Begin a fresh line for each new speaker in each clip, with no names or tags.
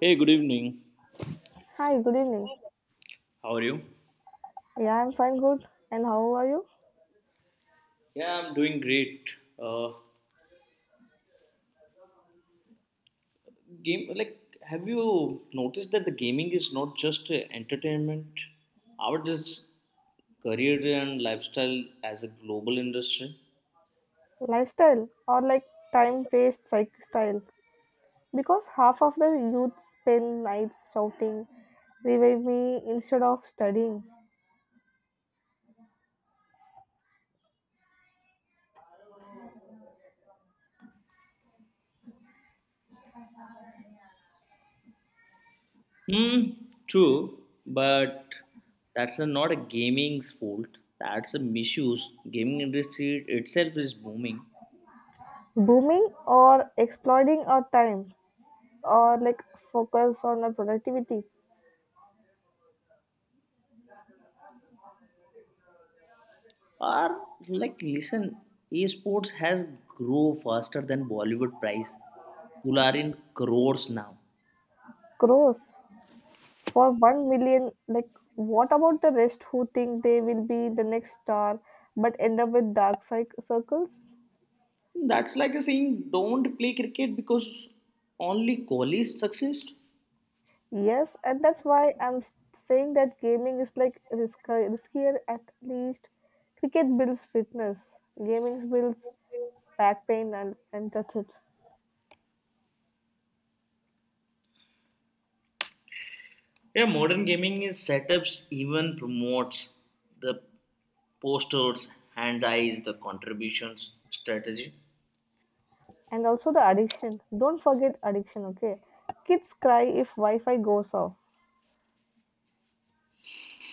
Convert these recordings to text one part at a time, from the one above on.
Hey, good evening.
Hi, good evening.
How are you?
Yeah, I'm fine, good. And how are you?
Yeah, I'm doing great. Uh, Game like, have you noticed that the gaming is not just entertainment? How it is career and lifestyle as a global industry?
Lifestyle or like time based psych style? Because half of the youth spend nights shouting, revive me instead of studying.
Hmm, true, but that's a, not a gaming's fault. That's a misuse. Gaming industry itself is booming.
Booming or exploiting our time or like focus on our productivity.
Or like listen, esports has grow faster than Bollywood price. People are in crores now.
Gross. For 1 million, like what about the rest who think they will be the next star but end up with dark psych circles?
That's like a saying don't play cricket because only Kohli succeeds.
Yes, and that's why I'm saying that gaming is like riskier at least. Cricket builds fitness, gaming builds back pain and that's it.
Yeah, modern gaming is setups even promotes the posters, hand eyes, the contributions, strategy.
And also the addiction. Don't forget addiction, okay? Kids cry if Wi Fi goes off.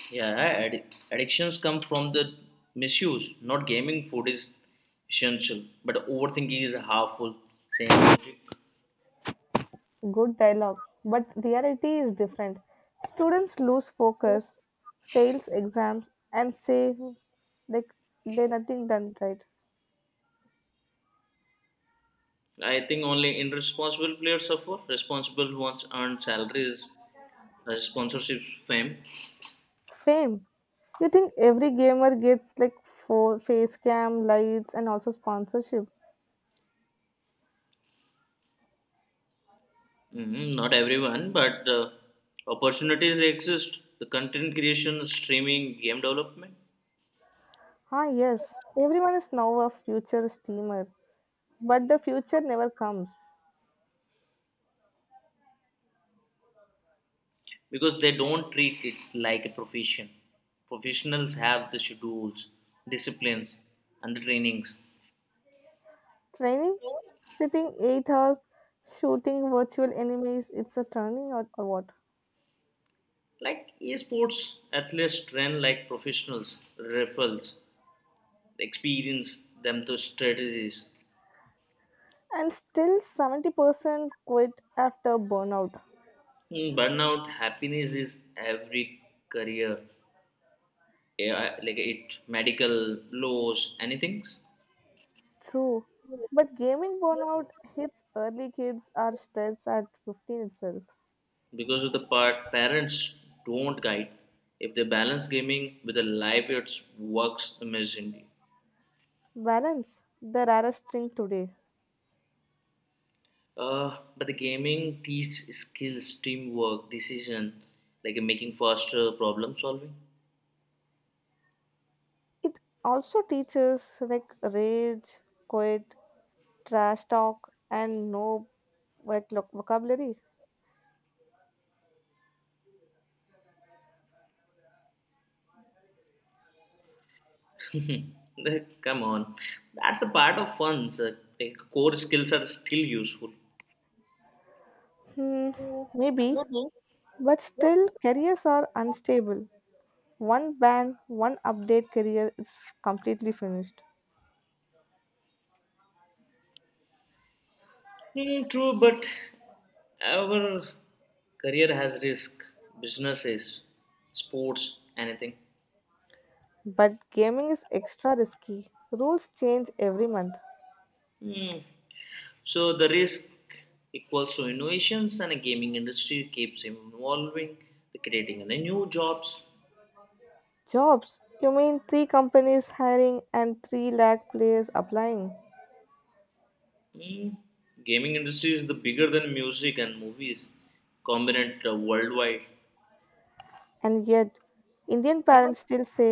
Yeah, addictions come from the misuse. Not gaming food is essential, but overthinking is harmful. Same logic.
Good dialogue, but reality is different. Students lose focus, fails exams, and say like they nothing done right.
I think only irresponsible players suffer. Responsible ones earn salaries, sponsorship, fame.
Fame. You think every gamer gets like face cam, lights, and also sponsorship?
Mhm, not everyone, but opportunities exist. The content creation, streaming, game development,
Ah, yes. Everyone is now a future steamer. But the future never comes.
because they don't treat it like a profession. Professionals have the schedules, disciplines, and the trainings.
Training? Sitting 8 hours, shooting virtual enemies, it's a training or what?
Like esports, athletes train like professionals, referrals, they experience them to strategies.
And still 70% quit after burnout.
Mm, burnout happiness is every career, yeah, like it medical laws, anything.
True. But gaming burnout hits early kids are stressed at 15 itself.
Because of the part parents don't guide. If they balance gaming with a life, it works amazingly.
Balance, the rarest thing today.
But the gaming teach skills, teamwork, decision, like making faster problem solving.
It also teaches like rage, quit, trash talk, and no like vocabulary.
Like, come on, that's the part of fun, sir. Like core skills are still useful.
Hmm, maybe, but still, careers are unstable. One ban, one update career is completely finished.
Hmm, true, but our career has risk, businesses, sports, anything.
But gaming is extra risky. Rules change every month.
Hmm. So the risk equals to innovations, and a gaming industry keeps evolving, the creating and new jobs.
Jobs, you mean three companies hiring and 3 lakh players applying?
Hmm. Gaming industry is the bigger than music and movies, combined worldwide.
And yet Indian parents still say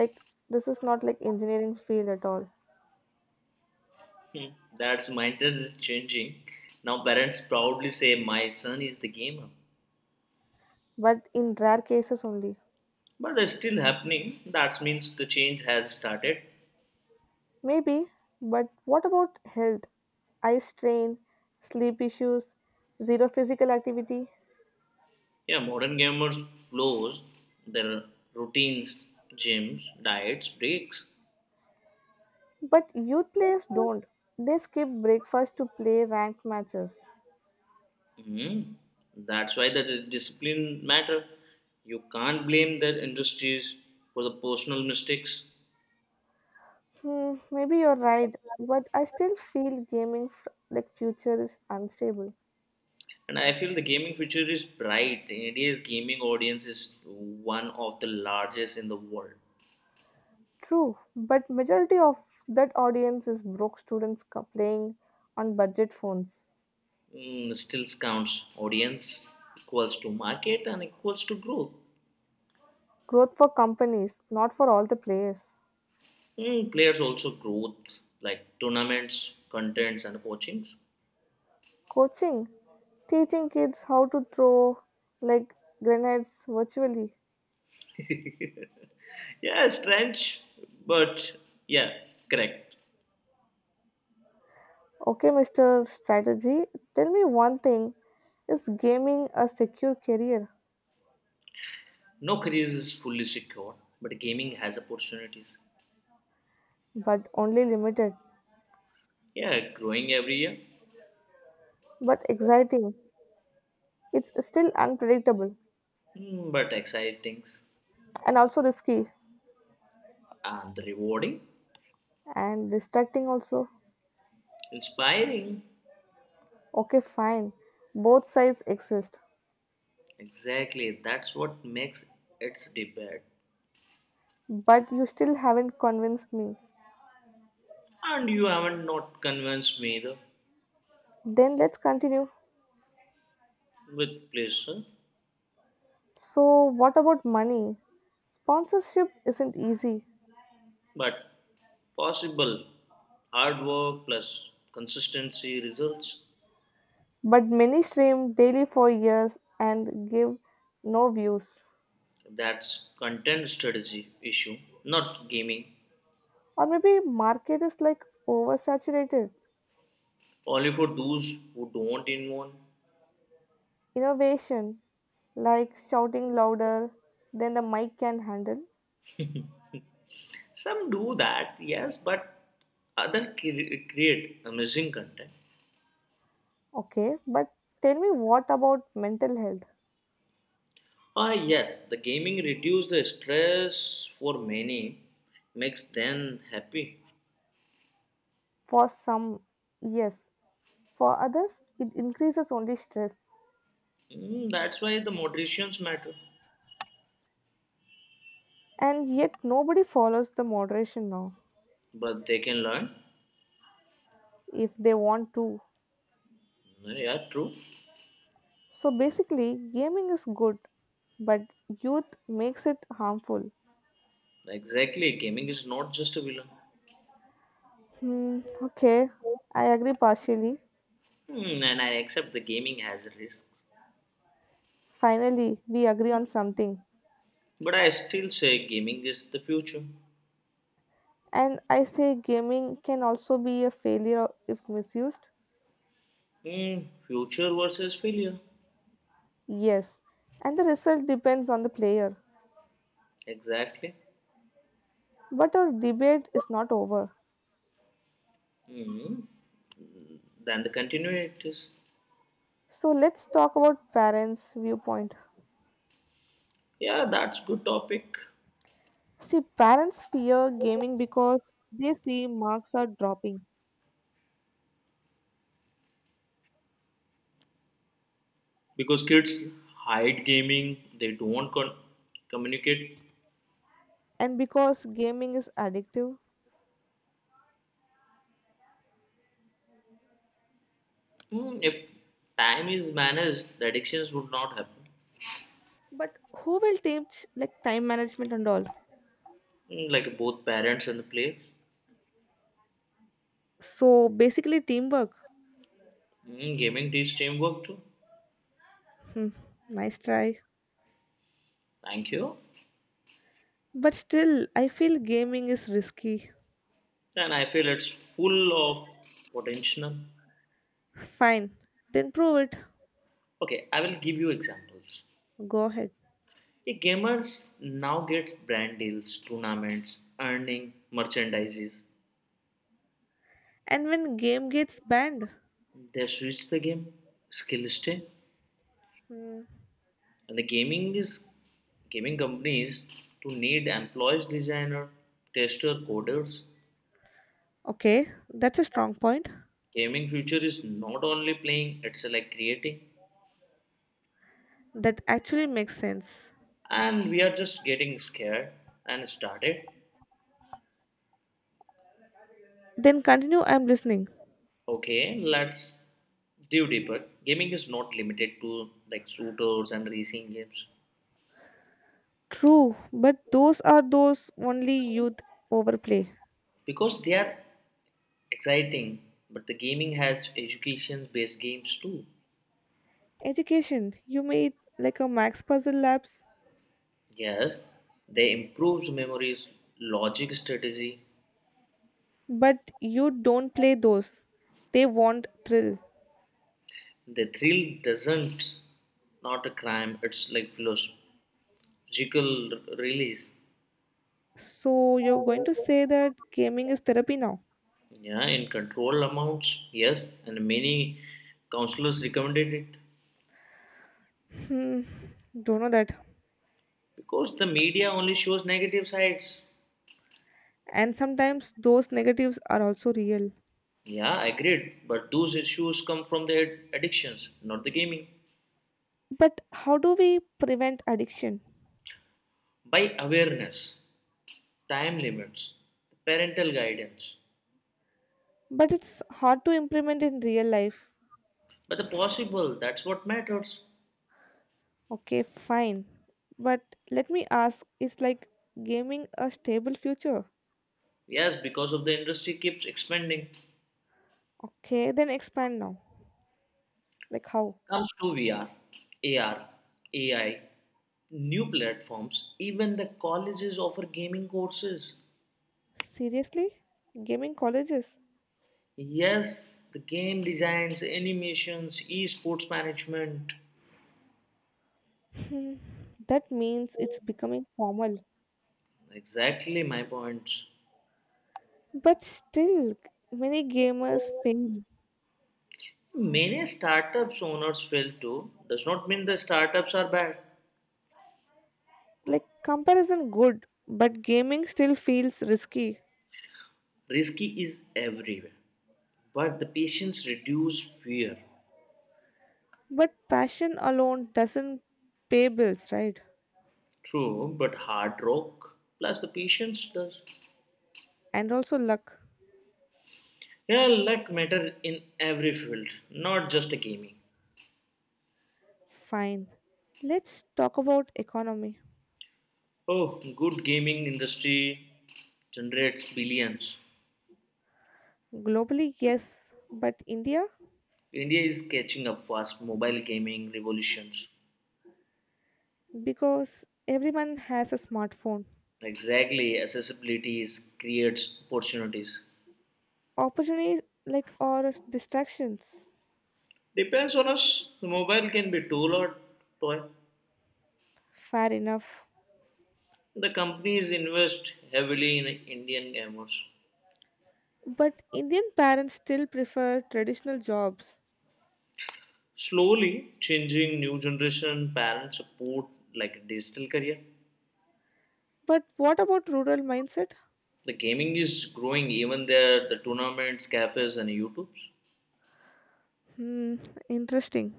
like this is not like engineering field at all.
Hmm. That's mindset is changing. Now parents proudly say, "My son is the gamer."
But in rare cases only.
But it's still happening. That means the change has started.
Maybe, but what about health, eye strain, sleep issues, zero physical activity?
Yeah, modern gamers flows their routines, gyms, diets, breaks.
But youth players don't, they skip breakfast to play ranked matches.
Mhm. That's why the discipline matter. You can't blame their industries for the personal mistakes.
Hmm, maybe you're right, but I still feel like future is unstable.
And I feel the gaming future is bright. India's gaming audience is one of the largest in the world.
True, but majority of that audience is broke students playing on budget phones.
Mm, still counts audience equals to market and equals to growth.
Growth for companies, not for all the players.
Hmm, players also growth like tournaments, contents, and coachings.
Coaching, teaching kids how to throw like grenades virtually.
Yeah, strange, but yeah, correct.
Okay, Mr. Strategy, tell me one thing. Is gaming a secure career,
No career is fully secure, but gaming has opportunities.
but only limited,
Yeah, growing every year.
but exciting? It's still unpredictable
Hmm, but exciting
and also risky
and rewarding,
and distracting also.
inspiring.
Okay, fine. Both sides exist.
Exactly, that's what makes its debate.
But you still haven't convinced me.
And you haven't not convinced me either,
Then let's continue.
with pleasure.
So, what about money? Sponsorship isn't easy,
But possible, hard work plus consistency results.
but many stream daily for years and give no views.
That's content strategy issue, not gaming.
Or maybe market is like oversaturated.
Only for those who don't involve.
Innovation, like shouting louder than the mic can handle.
Some do that, yes, but other create amazing content.
Okay, but tell me what about mental health?
Ah, yes, the gaming reduces the stress for many, makes them happy.
For some, yes. For others, it increases only stress.
Mm, that's why the moderations matter.
And yet, nobody follows the moderation now
But they can learn.
if they want to.
Yeah, true.
So, basically, gaming is good, but youth makes it harmful.
Exactly, gaming is not just a villain.
Hmm, okay, I agree partially.
Hmm, and I accept the gaming has risks,
Finally, we agree on something.
but I still say gaming is the future.
And I say gaming can also be a failure if misused.
Hmm, future versus failure.
Yes, and the result depends on the player.
Exactly.
But our debate is not over.
Hmm, then the continuities.
So let's talk about parents' viewpoint.
Yeah, that's good topic.
See, parents fear gaming because they see marks are dropping
Because kids hide gaming, they don't communicate.
and because gaming is addictive.
Hmm, if time is managed, the addictions would not happen.
But who will teach like time management and all?
Hmm, like both parents and the players.
So basically, teamwork.
Hmm, gaming teaches teamwork too.
Hmm, nice try.
Thank you.
But still, I feel gaming is risky.
And I feel it's full of potential.
Fine, then prove it.
Okay, I will give you examples.
Go ahead.
The gamers now get brand deals, tournaments, earning merchandises.
And when game gets banned,
They switch the game, skill stay.
hmm,
And the gaming is gaming companies to need employees, designer, tester, coders.
okay, that's a strong point.
Gaming future is not only playing, it's like creating,
That actually makes sense.
and we are just getting scared and started.
Then continue. I'm listening.
Okay, let's dive deeper. Gaming is not limited to like shooters and racing games
True, but those are those only youth overplay.
because they are exciting, but the gaming has education-based games too.
Education, you may like a max puzzle labs,
Yes, they improves memories, logic, strategy.
but you don't play those. They want thrill.
The thrill doesn't not a crime. It's like philosophical release.
So you're going to say that gaming is therapy now?
Yeah, in control amounts, yes, and many counselors recommended it
Hmm, don't know that.
because the media only shows negative sides.
And sometimes those negatives are also real.
Yeah, agreed. But those issues come from the addictions, not the gaming.
But how do we prevent addiction?
By awareness, time limits, parental guidance.
But it's hard to implement in real life.
But the possible, that's what matters.
Okay, fine. But let me ask, is like gaming a stable future?
Yes, because of the industry keeps expanding.
Okay, then expand now. Like how?
Comes to VR, AR, AI, new platforms, even the colleges offer gaming courses.
Seriously? Gaming colleges?
Yes, the game designs, animations, esports management.
Hmm, that means it's becoming formal.
Exactly my points.
But still, many gamers fail.
Many startups owners fail too. Does not mean the startups are bad.
Like comparison good, but gaming still feels risky.
Risky is everywhere. But the patience reduce fear.
But passion alone doesn't pay bills, right?
True, but hard rock plus the patience does.
And also luck.
Yeah, luck matter in every field, not just a gaming.
Fine. Let's talk about economy.
Oh, good, gaming industry generates billions.
Globally, yes, but India,
India is catching up fast mobile gaming revolutions.
because everyone has a smartphone.
Exactly, accessibility is creates opportunities.
Opportunities like or distractions,
Depends on us. The mobile can be tool or toy.
fair enough.
The companies invest heavily in Indian gamers.
But Indian parents still prefer traditional jobs.
Slowly changing, new generation parents support like digital career.
But what about rural mindset?
The gaming is growing even there, the tournaments, cafes and YouTubes.
Hmm, interesting.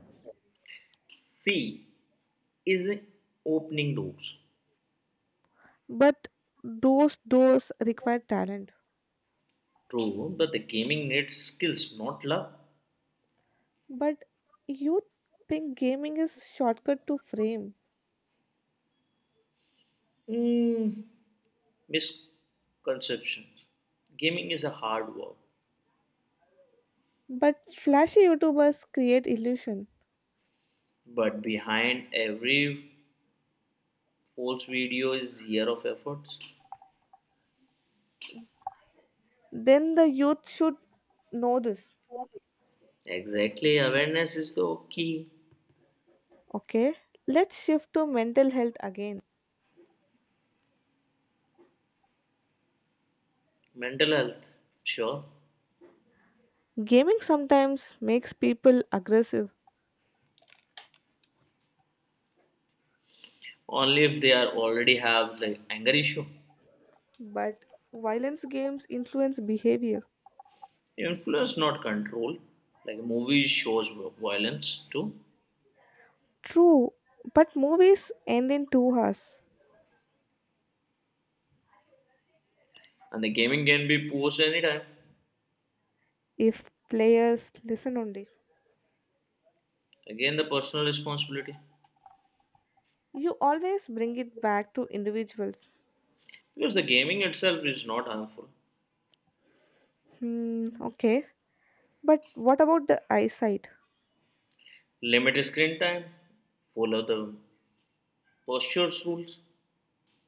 C is the opening doors.
But those doors require talent.
True, but the gaming needs skills, not love.
But you think gaming is shortcut to fame.
Mm, misconceptions. Gaming is a hard work,
But flashy YouTubers create illusion.
but behind every Force video is year of efforts.
Then the youth should know this.
Exactly, awareness is the key.
Okay, let's shift to mental health again.
Mental health, sure.
Gaming sometimes makes people aggressive,
Only if they are already have the anger issue.
but violence games influence behavior.
Influence, not control. Like movies shows violence too,
True, but movies end in 2 hours
and the gaming can be posed anytime.
if players listen only.
Again, the personal responsibility,
You always bring it back to individuals.
because the gaming itself is not harmful.
Hmm, okay. But what about the eyesight?
Limit screen time. Follow the postures rules.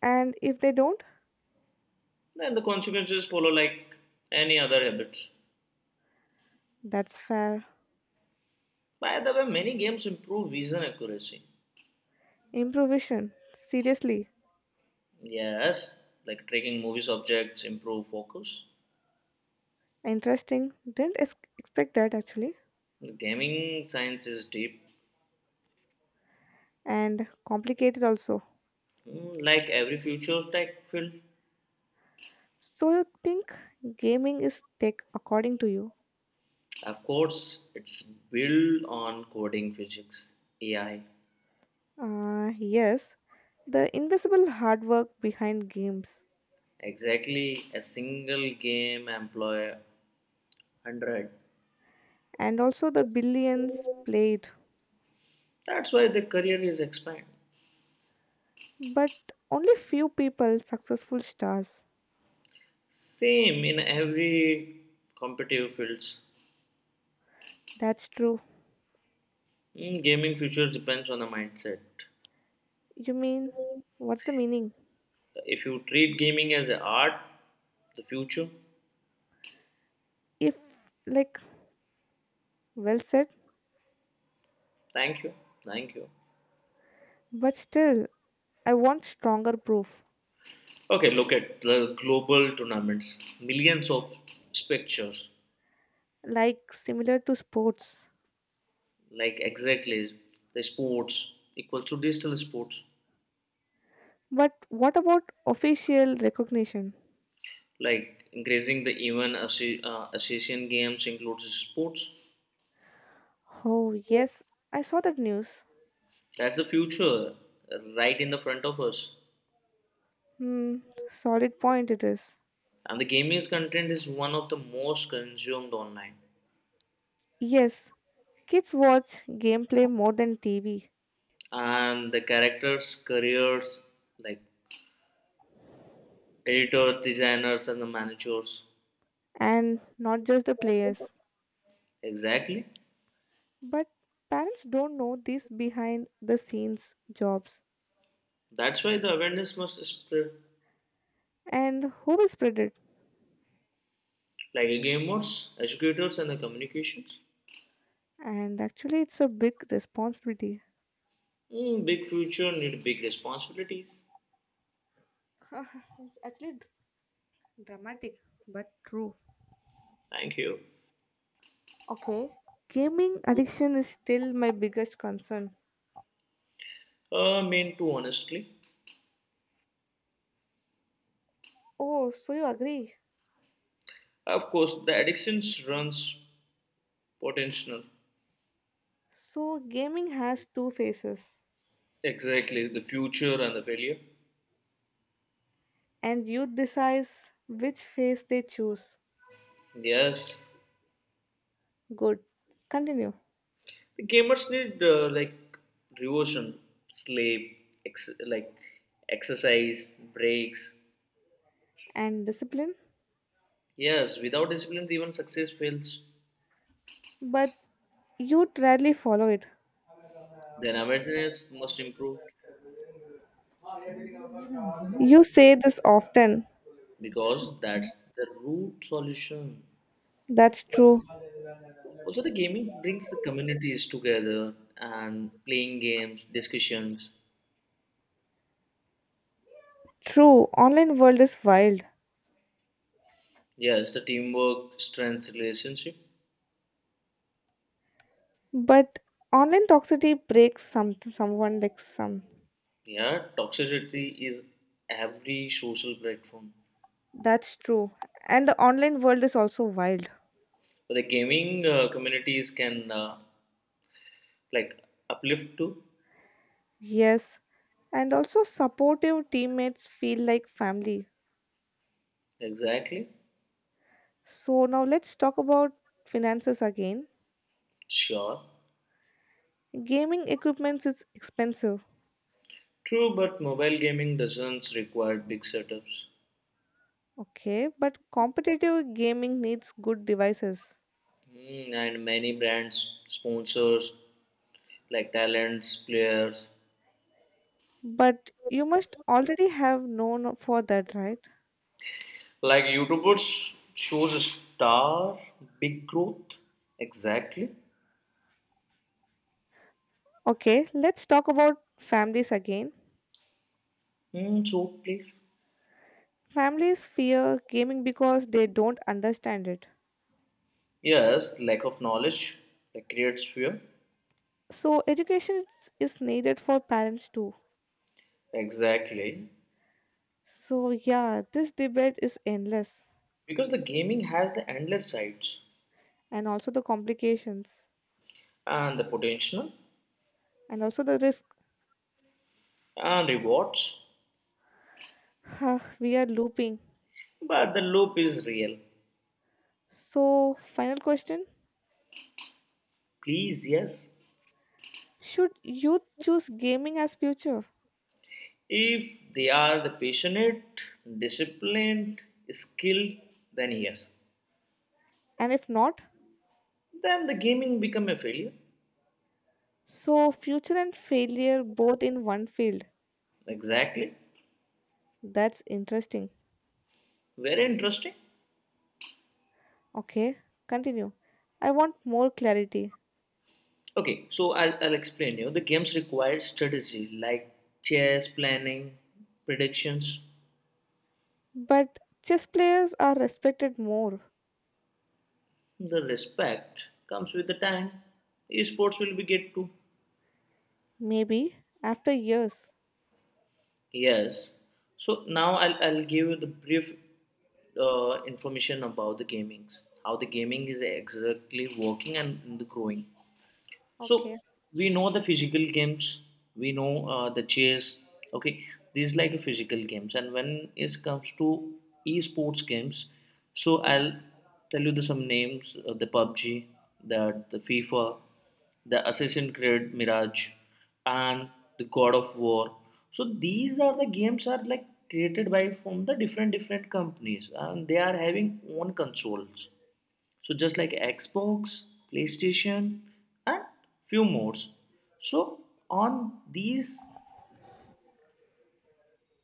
And if they don't,
Then the consequences follow like any other habits.
that's fair.
By the way, many games improve vision accuracy.
Improvisation. Seriously.
Yes, like tracking movies objects improve focus.
Interesting. Didn't expect that actually.
Gaming science is deep.
And complicated also.
Mm, like every future tech field.
So you think gaming is tech according to you?
Of course, it's built on coding physics, AI.
Yes, the invisible hard work behind games
Exactly, a single game employ hundred.
and also the billions played,
That's why the career is expand.
but only few people successful stars.
Same in every competitive fields.
That's true.
Mm, gaming future depends on the mindset.
You mean what's the meaning?
If you treat gaming as an art, the future.
If like well said,
Thank you, thank you.
but still I want stronger proof
Okay, look at the global tournaments, millions of spectators.
like similar to sports.
Like exactly the sports equals to digital sports.
But what about official recognition?
Like increasing the even association games includes sports.
Oh, yes, I saw that news.
That's the future, right in the front of us.
Hmm, solid point it is.
And the gaming content is one of the most consumed online.
Yes, kids watch gameplay more than TV,
And the characters careers like editor, designers, and the managers.
and not just the players.
Exactly.
But parents don't know these behind the scenes jobs
That's why the awareness must spread
and who will spread it.
like a gamers, educators, and the communications.
And actually, it's a big responsibility.
Mm, big future need big responsibilities.
It's actually dramatic, but true.
Thank you.
Okay. Gaming addiction is still my biggest concern.
Mean to honestly.
Oh, so you agree?
Of course, the addictions runs potential.
So, gaming has two faces
Exactly, the future and the failure.
and youth decides which phase they choose.
Yes,
Good, continue.
the gamers need like devotion, sleep, like exercise, breaks.
And discipline,
Yes, without discipline, even success fails.
but youth rarely follow it.
Then awareness must improve
You say this often.
because that's the root solution.
That's true.
Also, the gaming brings the communities together and playing games, discussions.
True, online world is wild.
Yes, the teamwork strengths relationship.
But online toxicity breaks someone like some.
Yeah, toxicity is every social platform.
That's true, and the online world is also wild.
But the gaming communities can like uplift too.
Yes, and also supportive teammates feel like family.
Exactly.
So now let's talk about finances again.
Sure.
Gaming equipments is expensive.
True, but mobile gaming doesn't require big setups.
Okay, but competitive gaming needs good devices.
Hmm, and many brands, sponsors, like talents, players,
But you must already have known for that, right?
like YouTubers shows a star big growth. Exactly.
Okay, let's talk about families again.
Hmm, so please.
Families fear gaming because they don't understand it.
Yes, lack of knowledge that creates fear.
So education is needed for parents too.
Exactly.
So yeah, this debate is endless
Because the gaming has the endless sides
and also the complications
and the potential
and also the risk.
and rewards,
We are looping.
but the loop is real.
So final question.
Please, yes.
Should youth choose gaming as future?
If they are the passionate, disciplined, skilled, then yes.
And if not,
Then the gaming become a failure.
so future and failure both in one field.
Exactly.
That's interesting.
Very interesting.
Okay, continue. I want more clarity.
Okay, so I'll explain you. The games require strategy like chess, planning, predictions.
But chess players are respected more,
The respect comes with the time. Esports will be get too.
maybe after years.
Yes. So now I'll give you the brief information about the gamings, how the gaming is exactly working and the growing. So
Okay.
we know the physical games, we know the chess. Okay, these like a physical games, and when it comes to esports games, so I'll tell you the some names: the PUBG, the FIFA, the Assassin's Creed Mirage, and the God of War. So these are the games are like created by from the different different companies, and they are having own consoles, so just like Xbox, PlayStation, and few more. So on these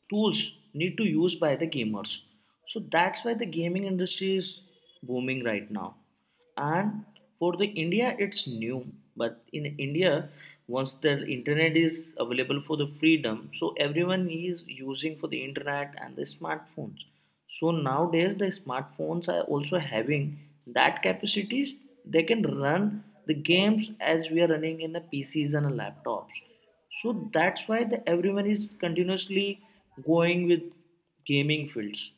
tools need to use by the gamers, so that's why the gaming industry is booming right now. And for the India it's new, but in India, once the internet is available for the freedom, so everyone is using for the internet and the smartphones. So nowadays the smartphones are also having that capacities, they can run the games as we are running in the PCs and laptops. So that's why the everyone is continuously going with gaming fields.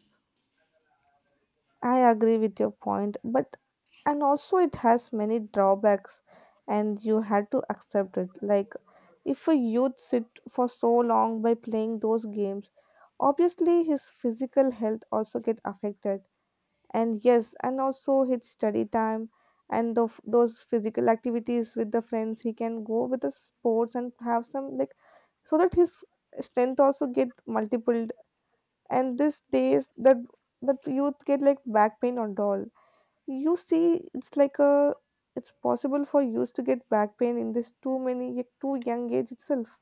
I agree with your point, but and also it has many drawbacks, and you had to accept it. Like, if a youth sit for so long by playing those games, obviously his physical health also get affected. And yes, and also his study time and those physical activities with the friends, he can go with the sports and have some like, so that his strength also get multiple and this days that youth get like back pain and all. You see it's like a, it's possible for youth to get back pain in this too many too young age itself.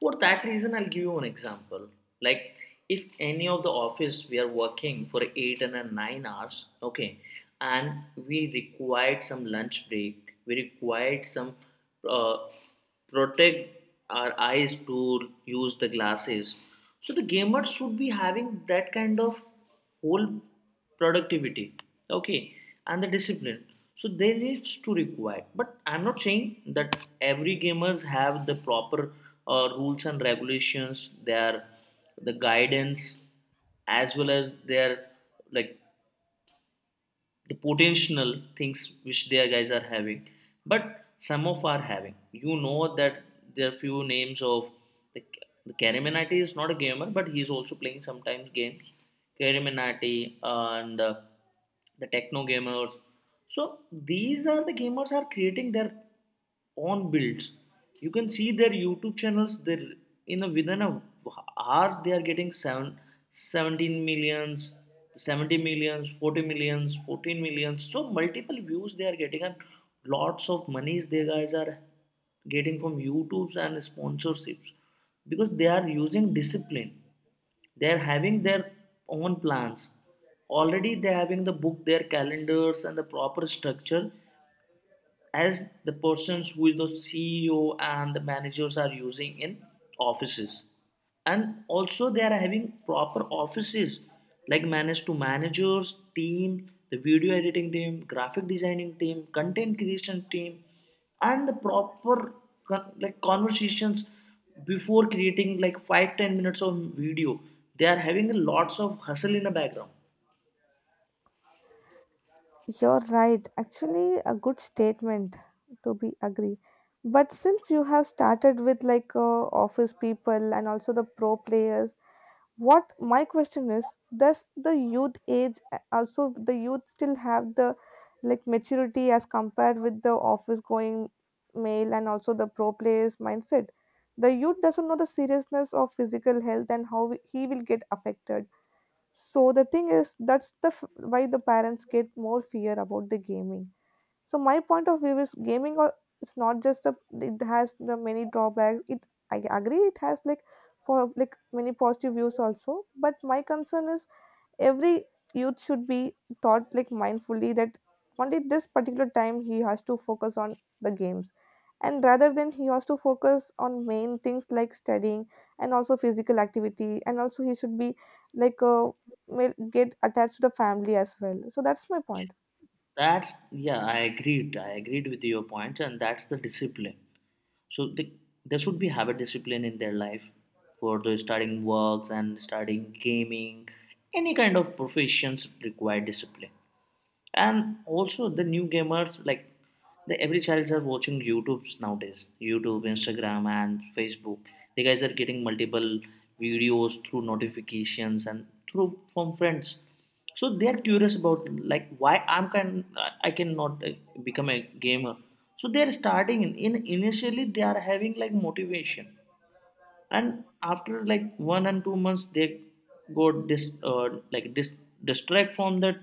For that reason I'll give you an example. Like if any of the office we are working for 8 and a 9 hours, okay, and we required some lunch break, we required some uh, protect our eyes to use the glasses. So the gamers should be having that kind of whole productivity, okay, and the discipline. So they needs to require, but I'm not saying that every gamers have the proper rules and regulations, their the guidance as well as their like the potential things which their guys are having. But some of are having, you know that there are few names of the the Karaminati is not a gamer, but he's also playing sometimes games. Karaminati and the techno gamers. So these are the gamers are creating their own builds. You can see their YouTube channels. They are in a within a hours they are getting 17 million, 70 millions, 40 millions, 14 millions. So multiple views they are getting and lots of monies they guys are getting from YouTubes and sponsorships because they are using discipline. They are having their own plans. Already they are having the book, their calendars, and the proper structure as the persons who is the CEO and the managers are using in offices. And also they are having proper offices like manage to managers, team, the video editing team, graphic designing team, content creation team, and the proper like conversations before creating like 5 to 10 minutes of video they are having lots of hustle in the background.
You're right, actually, a good statement, to be agree. But since you have started with like office people and also the pro players, what my question is, does the youth age also the youth still have the like maturity as compared with the office going male and also the pro players mindset? The youth doesn't know the seriousness of physical health and how he will get affected. So the thing is, that's the why the parents get more fear about the gaming. So my point of view is gaming or it's not just a, it has the many drawbacks. It, I agree it has like for like many positive views also. But my concern is every youth should be taught like mindfully that only this particular time he has to focus on the games. And rather than he has to focus on main things like studying and also physical activity and also he should be like may get attached to the family as well. So that's my point.
That's yeah, I agreed with your point, and that's the discipline. So there should be habit discipline in their life for the starting works and starting gaming. Any kind of professions require discipline. And also the new gamers like the every child are watching youtubes nowadays, YouTube, Instagram and Facebook. The guys are getting multiple videos through notifications and through from friends. So they are curious about like why I cannot become a gamer. So they are starting in initially they are having like motivation, and after like 1 and 2 months they go distract from that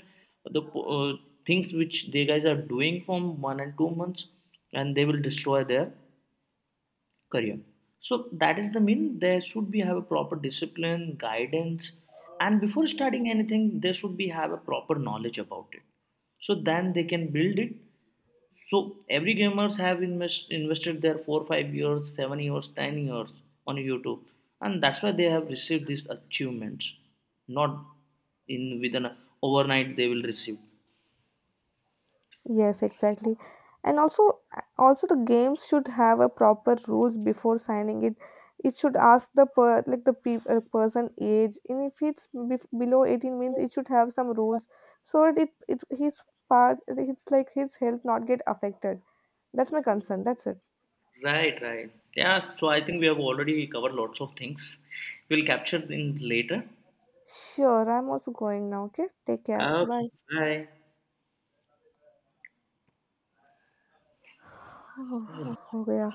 the uh, things which they guys are doing from 1 and 2 months, and they will destroy their career. So that is the mean there should be have a proper discipline guidance, and before starting anything they should be have a proper knowledge about it, so then they can build it. So every gamers have invested their four, 5 years, 7 years, 10 years on YouTube, and that's why they have received these achievements. Not overnight they will receive.
Yes, exactly. And also, also the games should have a proper rules before signing it. It should ask the person age, and if it's below 18, means it should have some rules so that it his part, it's like his health not get affected. That's my concern. That's it.
Right, right. Yeah. So I think we have already covered lots of things. We'll capture in later.
Sure, I'm also going now. Okay, take care.
Okay.
Bye.
Bye.
हो गया